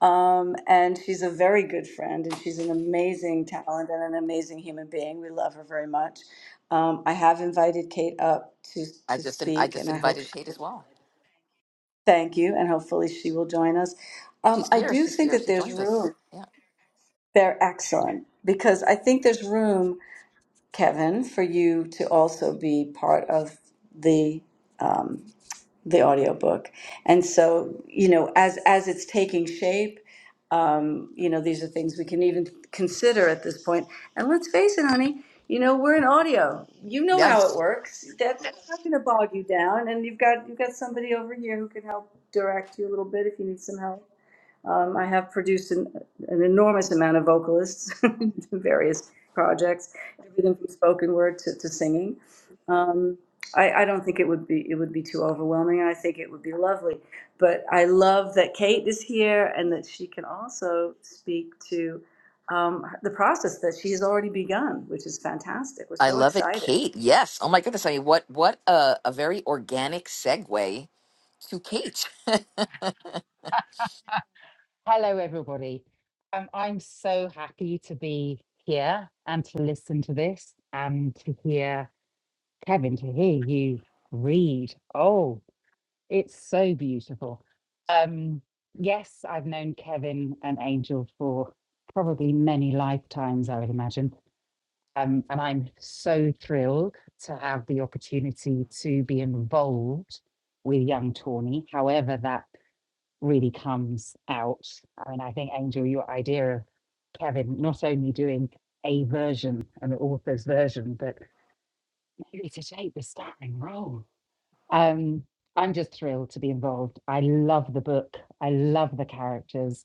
Um, and she's a very good friend, and she's an amazing talent and an amazing human being. We love her very much. Um, I have invited Kate up to, i to just in, i speak, and just I hope invited she kate as well thank you, and hopefully she will join us. Um, She's I here. do She's think here. that She there's joined us. room. Yeah. They're excellent because I think there's room Kevin, for you to also be part of the um, the audiobook. And so, you know, as as it's taking shape, um, you know, these are things we can even consider at this point. And let's face it, honey, you know, we're in audio. You know how it Yes. works. That, That's not going to bog you down. And you've got you've got somebody over here who can help direct you a little bit if you need some help. Um, I have produced an, an enormous amount of vocalists to various projects, everything from spoken word to, to singing. Um, I, I don't think it would be it would be too overwhelming. I think it would be lovely. But I love that Kate is here and that she can also speak to um, the process that she has already begun, which is fantastic. We're I so love it, excited. Kate. Yes. Oh my goodness. I mean, what what a, a very organic segue to Kate. Hello, everybody. Um, I'm so happy to be here and to listen to this and to hear Kevin, to hear you read. Oh, it's so beautiful. Um, yes, I've known Kevin and Angel for probably many lifetimes, I would imagine. Um, and I'm so thrilled to have the opportunity to be involved with Young Tawny, however that really comes out. I mean, I think Angel, your idea of Kevin not only doing a version, an author's version, but maybe to take the starring role. Um, I'm just thrilled to be involved. I love the book. I love the characters.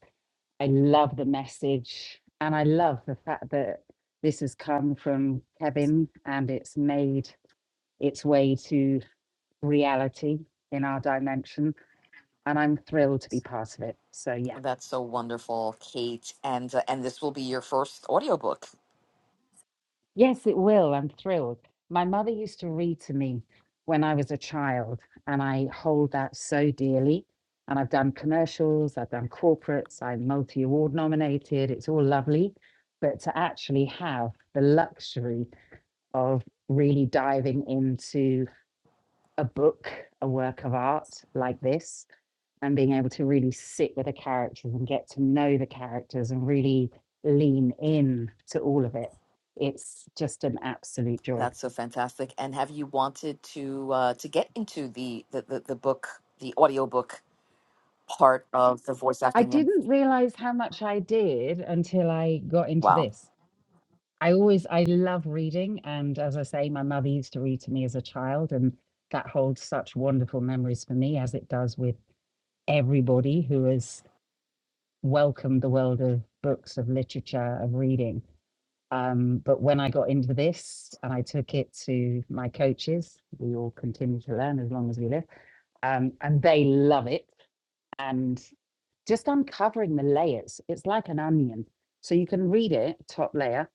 I love the message. And I love the fact that this has come from Kevin and it's made its way to reality in our dimension. And I'm thrilled to be part of it. So, yeah. That's so wonderful, Kate. And uh, and this will be your first audiobook. Yes, it will. I'm thrilled. My mother used to read to me when I was a child, and I hold that so dearly. And I've done commercials, I've done corporates, I'm multi award nominated. It's all lovely. But to actually have the luxury of really diving into a book, a work of art like this, and being able to really sit with the characters and get to know the characters and really lean in to all of it. It's just an absolute joy. That's so fantastic. And have you wanted to uh, to get into the the, the, the book, the audiobook part of the voice I acting? And didn't realize how much I did until I got into wow, this. I always, I love reading. And as I say, my mother used to read to me as a child, and that holds such wonderful memories for me, as it does with everybody who has welcomed the world of books, of literature, of reading. Um, but when I got into this and I took it to my coaches, we all continue to learn as long as we live, um, and they love it. And just uncovering the layers, it's like an onion. So you can read it, top layer,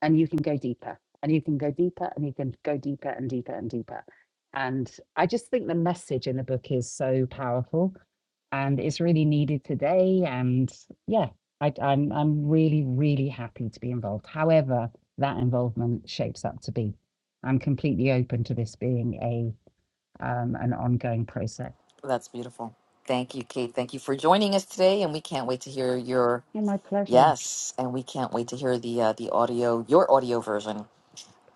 and you can go deeper, and you can go deeper, and you can go deeper and deeper and deeper. And I just think the message in the book is so powerful and is really needed today. And yeah, I, I'm I'm really really happy to be involved. However, that involvement shapes up to be, I'm completely open to this being a um, an ongoing process. that's beautiful. Thank you, Kate. Thank you for joining us today, and we can't wait to hear your And my pleasure. Yes, and we can't wait to hear the uh, the audio, your audio version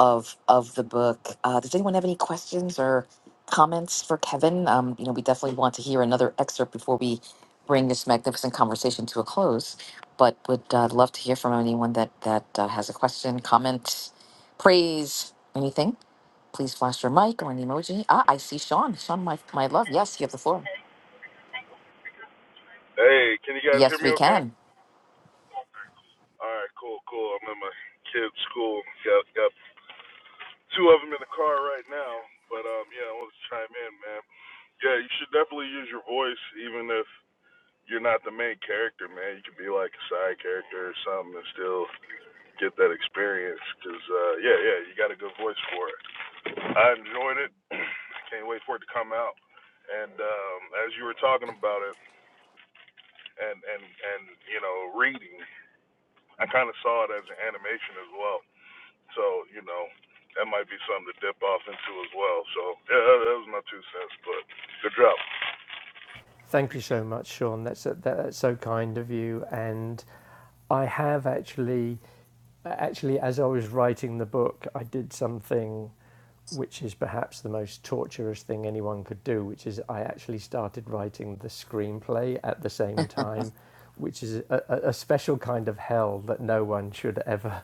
of of the book. Uh, does anyone have any questions or comments for Kevin? Um, you know, we definitely want to hear another excerpt before we bring this magnificent conversation to a close. But would uh, love to hear from anyone that that uh, has a question, comment, praise, anything. Please flash your mic or an emoji. Ah, I see Sean. Sean, my my love. Yes, you have the floor. Hey, can you guys hear Yes, me we okay? can. All right, cool, cool. I'm at my kid's school. Got got two of them in the car right now. But um, yeah, I want to chime in, man. Yeah, you should definitely use your voice, even if you're not the main character, man. You could be like a side character or something, and still get that experience. Cause uh, yeah, yeah, you got a good voice for it. I enjoyed it. Can't wait for it to come out. And um, as you were talking about it, and and and you know, reading, I kind of saw it as an animation as well So, you know, that might be something to dip off into as well. So, yeah, that, that was my two cents, but good job. Thank you so much, Sean. That's a, that, that's so kind of you. And I have actually, actually, as I was writing the book, I did something which is perhaps the most torturous thing anyone could do, which is I actually started writing the screenplay at the same time, which is a a special kind of hell that no one should ever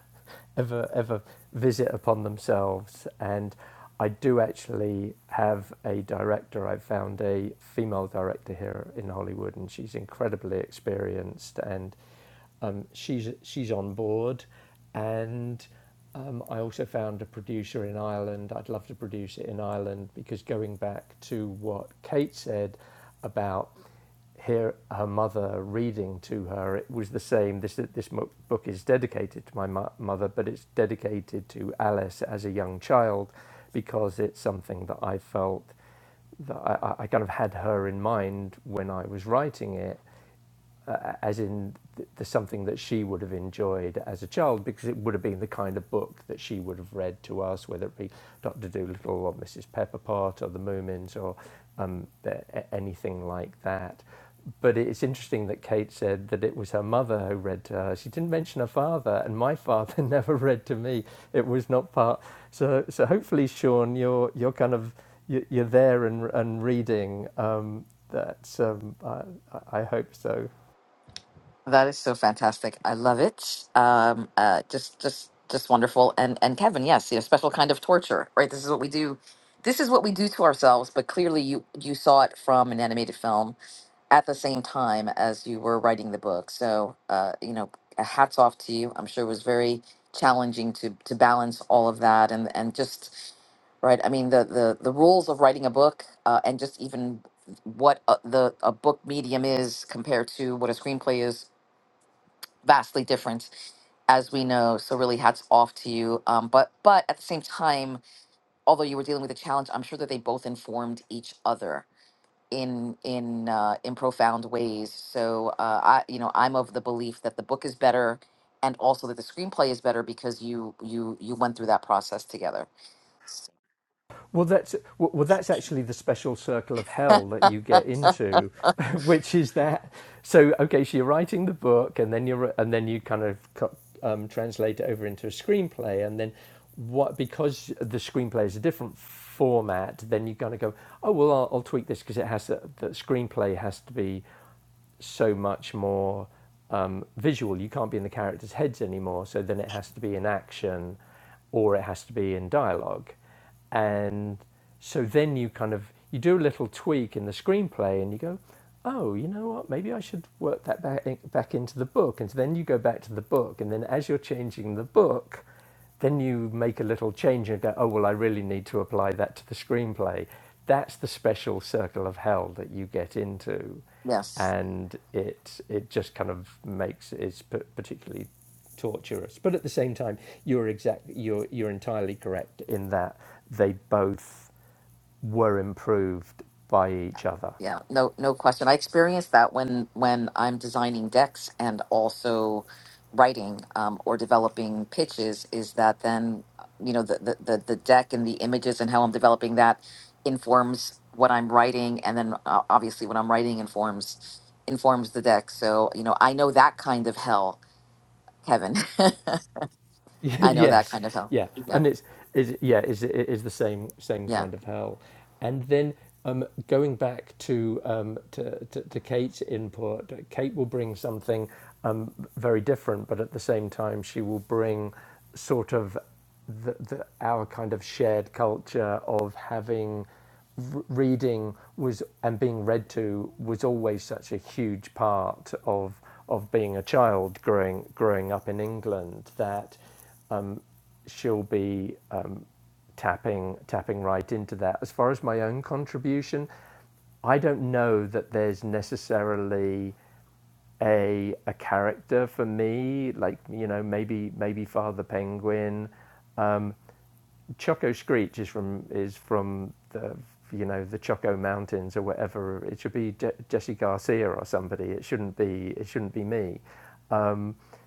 ever ever visit upon themselves. And I do actually have a director. I've found a female director here in Hollywood, and she's incredibly experienced, and um, she's she's on board. And um, I also found a producer in Ireland. I'd love to produce it in Ireland because going back to what Kate said about hear her mother reading to her. It was the same. This this book is dedicated to my mother, but it's dedicated to Alice as a young child, because it's something that I felt that I I kind of had her in mind when I was writing it, uh, as in th- there's something that she would have enjoyed as a child because it would have been the kind of book that she would have read to us, whether it be Dr. Dolittle or Mrs. Pepperpot or The Moomins or um, anything like that. But it's interesting that Kate said that it was her mother who read to her. She didn't mention her father, and my father never read to me. It was not part. So, so hopefully, Sean, you're you're kind of you- are there and and reading. Um, that um, I I hope so. That is so fantastic. I love it. Um, uh, just, just, just wonderful. And and Kevin, yes, you know, special kind of torture, right? This is what we do. This is what we do to ourselves. But clearly, you you saw it from an animated film at the same time as you were writing the book. So, uh, you know, hats off to you. I'm sure it was very challenging to to balance all of that and and just right. I mean, the the the rules of writing a book uh, and just even what a, the a book medium is compared to what a screenplay is vastly different as we know. So really, hats off to you. Um, but but at the same time, although you were dealing with a challenge, I'm sure that they both informed each other in in uh, in profound ways. So uh, I you know I'm of the belief that the book is better, and also that the screenplay is better because you you you went through that process together. Well, that's well, well, that's actually the special circle of hell that you get into, which is that. So, okay, so you're writing the book, and then you're and then you kind of um, translate it over into a screenplay, and then what because the screenplay is a different format, then you kind of go, oh well, I'll, I'll tweak this because it has to, the screenplay has to be so much more um, visual. You can't be in the characters' heads anymore, so then it has to be in action or it has to be in dialogue. And so then you kind of you do a little tweak in the screenplay and you go, oh, you know what? Maybe I should work that back, back into the book. And so then you go back to the book, and then as you're changing the book, then you make a little change and go, oh, well, I really need to apply that to the screenplay. That's the special circle of hell that you get into Yes. and it it just kind of makes it particularly torturous. But at the same time, you're exact you're you're entirely correct in that they both were improved by each other. Yeah, no, no question. I experience that when when I'm designing decks and also writing um, or developing pitches. Is that then you know the, the the the deck and the images and how I'm developing that informs what I'm writing, and then uh, obviously what I'm writing informs informs the deck. So you know I know that kind of hell, Kevin. I know that yes, kind of hell. yeah, Yeah, and it's is yeah is is the same same yeah. kind of hell, and then um, going back to, um, to to to Kate's input, Kate will bring something um, very different, but at the same time she will bring sort of the, the our kind of shared culture of having r- reading was and being read to was always such a huge part of of being a child growing growing up in England that she'll be um, tapping tapping right into that. As far as my own contribution, I don't know that there's necessarily a a character for me. Like you know, maybe maybe Father Penguin. Choco Screech is from is from the you know the Choco Mountains or whatever. It should be Je- Jesse Garcia or somebody. It shouldn't be it shouldn't be me.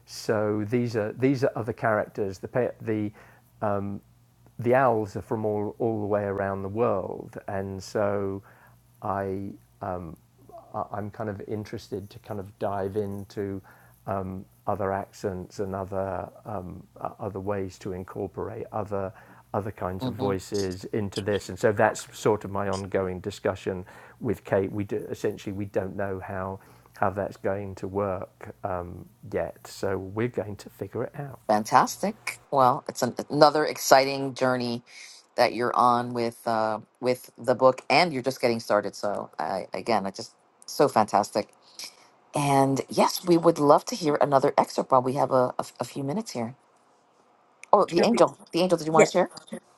So these are these are other characters. The the the owls are from all, all the way around the world, and so I, um, I am kind of interested to kind of dive into um, other accents and other um, other ways to incorporate other other kinds of Mm-hmm. voices into this, and so that's sort of my ongoing discussion with Kate. We do, essentially we don't know how how that's going to work um, yet, so we're going to figure it out. Fantastic. Well, it's an, another exciting journey that you're on with uh, with the book, and you're just getting started. So, I, again, I just so fantastic. And yes, we would love to hear another excerpt while we have a, a, a few minutes here. Oh, the angel, the angel. Did you want to share?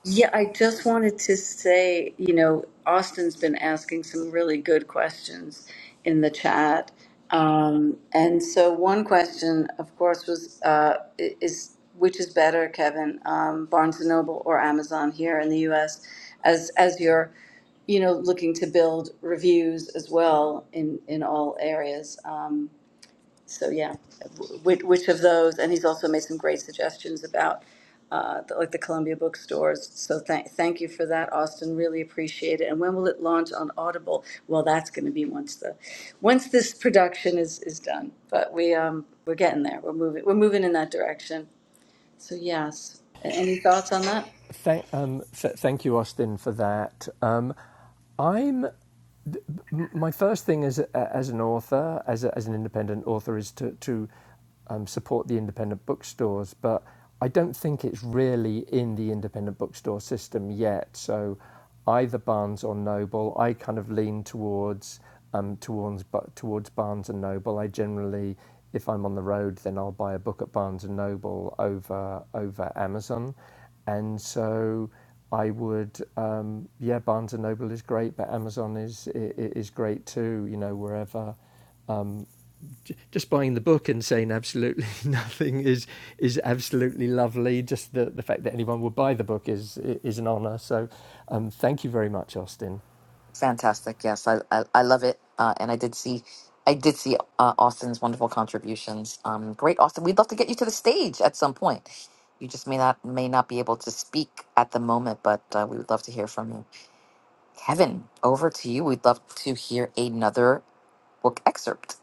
Yeah, I just wanted to say, you know, Austin's been asking some really good questions in the chat. Um, and so one question, of course, was uh, i- is which is better, Kevin, um, Barnes and Noble or Amazon here in the U.S. as as you're, you know, looking to build reviews as well in in all areas. Um, so yeah, which, which of those? And he's also made some great suggestions about uh, the, like the Columbia bookstores. So thank thank you for that, Austin. Really appreciate it. And when will it launch on Audible? Well, that's going to be once the once this production is is done. But we um we're getting there. We're moving. We're moving in that direction. So yes. A- Any thoughts on that? Thank, um, th- thank you, Austin, for that. Um, I'm my first thing as, a- as an author, as, a, as an independent author, is to, to um, support the independent bookstores, but I don't think it's really in the independent bookstore system yet. So either Barnes or Noble, I kind of lean towards um, towards towards Barnes and Noble. I generally, if I'm on the road, then I'll buy a book at Barnes and Noble over over Amazon, and so. I would, um, yeah, Barnes and Noble is great, but Amazon is is great too. You know, wherever just buying the book and saying absolutely nothing is is absolutely lovely. Just the the fact that anyone would buy the book is is an honour. So, um, thank you very much, Austin. Fantastic. Yes, I, I, I love it. Uh, and I did see, I did see uh, Austin's wonderful contributions. Um, great, Austin. We'd love to get you to the stage at some point. You just may not may not be able to speak at the moment, but uh, we would love to hear from you. Kevin, over to you. We'd love to hear another book excerpt.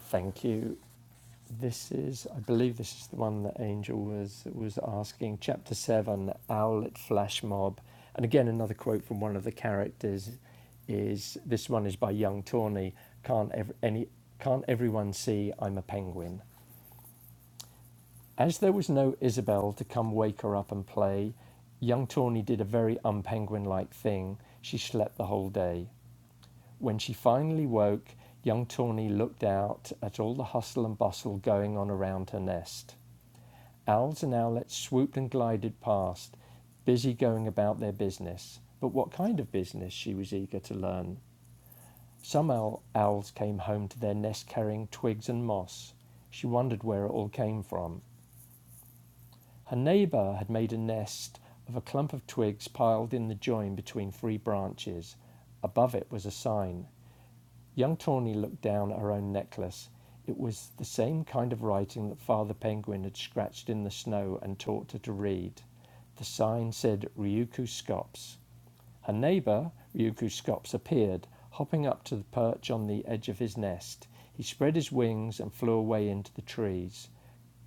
Thank you. This is, I believe, this is the one that Angel was was asking. Chapter seven, Owlet Flash Mob, and again another quote from one of the characters is this one is by Young Tawny. Can't ev- any can't everyone see I'm a penguin? As there was no Isabel to come wake her up and play, young Tawny did a very unpenguin like thing. She slept the whole day. When she finally woke, young Tawny looked out at all the hustle and bustle going on around her nest. Owls and owlets swooped and glided past, busy going about their business. But what kind of business she was eager to learn. Some owl- owls came home to their nest carrying twigs and moss. She wondered where it all came from. Her neighbour had made a nest of a clump of twigs piled in the join between three branches. Above it was a sign Young Tawny looked down at her own necklace. It was the same kind of writing that Father Penguin had scratched in the snow and taught her to read. The sign said Ryuku Scops. Her neighbour, Ryuku Scops, appeared, hopping up to the perch on the edge of his nest. He spread his wings and flew away into the trees.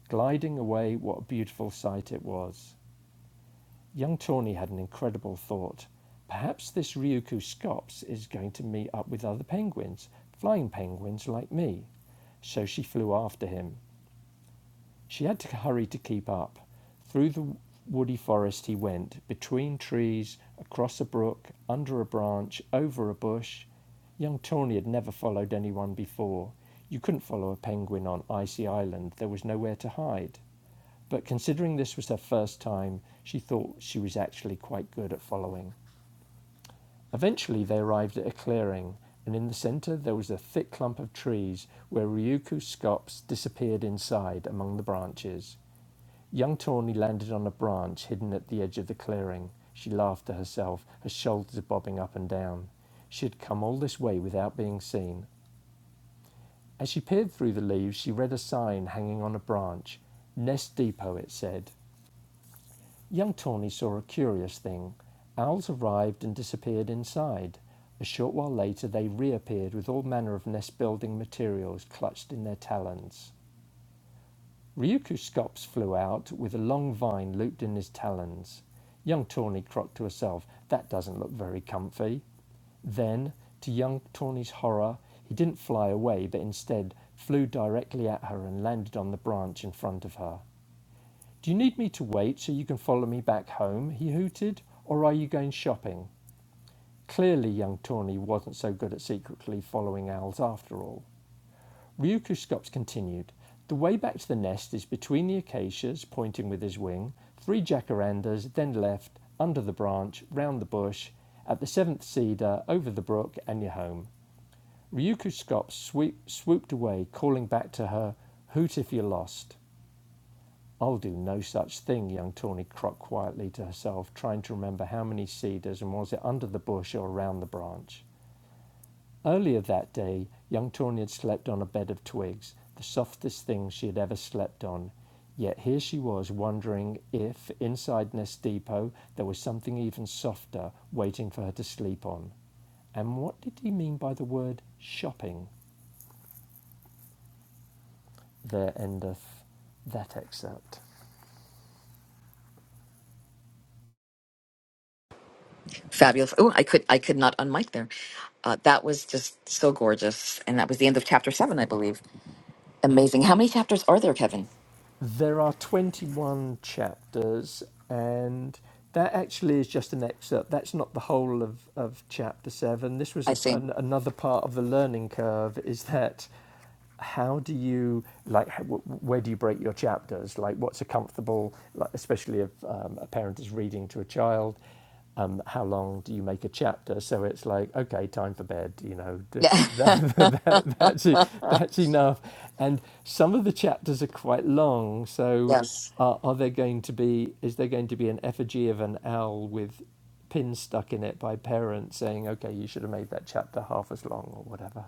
Gliding away, what a beautiful sight it was! Young Tawny had an incredible thought. Perhaps this Ryukyu Scops is going to meet up with other penguins, flying penguins like me. So she flew after him. She had to hurry to keep up. Through the woody forest he went, between trees, across a brook, under a branch, over a bush. Young Tawny had never followed anyone before. You couldn't follow a penguin on Icy Island, there was nowhere to hide. But considering this was her first time, she thought she was actually quite good at following. Eventually they arrived at a clearing, and in the center there was a thick clump of trees where Ryuku's scops disappeared inside among the branches. Young Tawny landed on a branch hidden at the edge of the clearing. She laughed to herself, her shoulders bobbing up and down. She had come all this way without being seen. As she peered through the leaves, she read a sign hanging on a branch. Nest Depot, it said. Young Tawny saw a curious thing. Owls arrived and disappeared inside. A short while later they reappeared with all manner of nest building materials clutched in their talons. Ryukyu Skops flew out with a long vine looped in his talons. Young Tawny croaked to herself, That doesn't look very comfy. Then, to young Tawny's horror, he didn't fly away but instead flew directly at her and landed on the branch in front of her. Do you need me to wait so you can follow me back home? he hooted. Or are you going shopping? Clearly, young Tawny wasn't so good at secretly following owls after all. Ryuku Scops continued. The way back to the nest is between the acacias, pointing with his wing, three jacarandas, then left, under the branch, round the bush, at the seventh cedar, over the brook, and you're home. Ryuku Scops swoop, swooped away, calling back to her, Hoot if you're lost. I'll do no such thing, young Tawny croaked quietly to herself, trying to remember how many cedars and was it under the bush or around the branch. Earlier that day young Tawny had slept on a bed of twigs, the softest thing she had ever slept on. Yet here she was wondering if, inside Nest Depot, there was something even softer waiting for her to sleep on. And what did he mean by the word shopping? There endeth that excerpt. Fabulous. Oh, I could I could not unmic there. Uh, that was just so gorgeous, and that was the end of chapter seven, I believe. Amazing. How many chapters are there, Kevin? There are 21 chapters, and that actually is just an excerpt. That's not the whole of, of chapter 7. This was I a, see. an, another part of the learning curve is that how do you, like, how, where do you break your chapters? Like, what's a comfortable, like, especially if um, a parent is reading to a child? um, how long do you make a chapter? So it's like, okay, time for bed, you know, th- Yeah. that, that, that's, e- that's enough. And some of the chapters are quite long. So yes. are, are there going to be, is there going to be an effigy of an owl with pins stuck in it by parents saying, okay, you should have made that chapter half as long or whatever?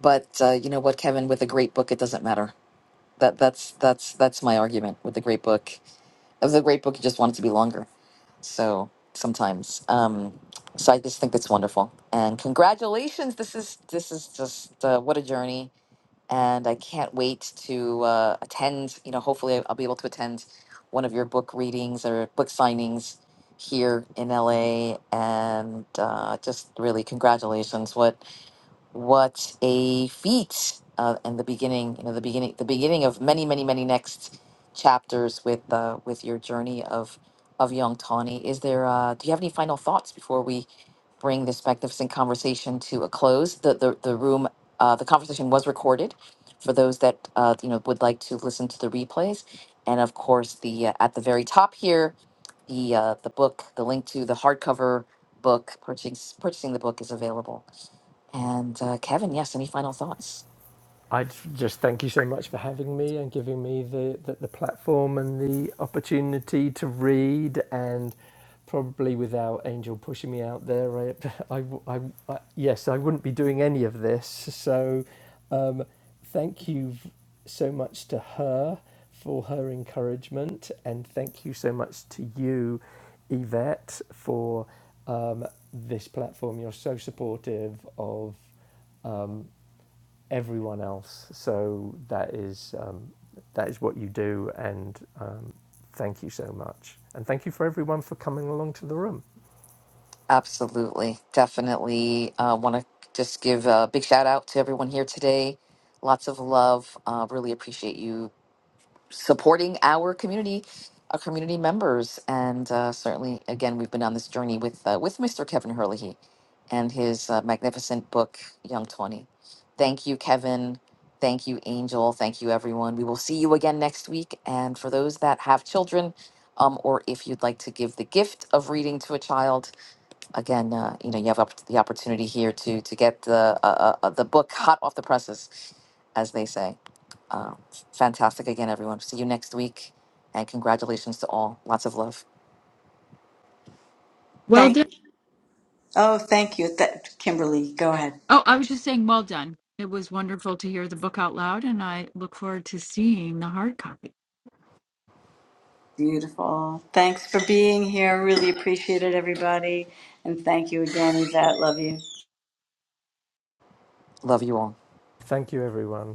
But uh, you know what, Kevin? With a great book, it doesn't matter. That that's that's that's my argument with the great book. Of the great book, you just want it to be longer. So sometimes, um, so I just think that's wonderful. And congratulations! This is this is just uh, what a journey, and I can't wait to uh, attend. You know, hopefully, I'll be able to attend one of your book readings or book signings here in LA. And uh, just really congratulations! What what a feat uh, and the beginning you know the beginning the beginning of many many many next chapters with uh, with your journey of of young tawny is there uh, do you have any final thoughts before we bring this magnificent conversation to a close the the, the room uh, the conversation was recorded for those that uh, you know would like to listen to the replays and of course the uh, at the very top here the uh, the book the link to the hardcover book purchasing purchasing the book is available and uh, Kevin, yes, any final thoughts? I just thank you so much for having me and giving me the, the, the platform and the opportunity to read. And probably without Angel pushing me out there, I, I, w- I w- I- yes, I wouldn't be doing any of this. So um, thank you v- so much to her for her encouragement. And thank you so much to you, Yvette, for um, this platform. You're so supportive of um, everyone else. So that is um, that is what you do, and um, thank you so much, and thank you for everyone for coming along to the room. Absolutely. Definitely uh, want to just give a big shout out to everyone here today. Lots of love. Uh, really appreciate you supporting our community, our community members, and uh, certainly, again, we've been on this journey with uh, with Mr. Kevin Hurley and his uh, magnificent book, Young Twenty. Thank you, Kevin. Thank you, Angel. Thank you, everyone. We will see you again next week. And for those that have children, um, or if you'd like to give the gift of reading to a child, again, uh, you know, you have opp- the opportunity here to to get the uh, uh, uh, the book hot off the presses, as they say. Um, fantastic again, everyone. See you next week, and congratulations to all. Lots of love. Well done. Oh, go ahead. Oh, I was just saying, well done. It was wonderful to hear the book out loud, and I look forward to seeing the hard copy. Beautiful. Thanks for being here. Really appreciate it, everybody. And thank you again, Yvette. Love you. Love you all. Thank you, everyone.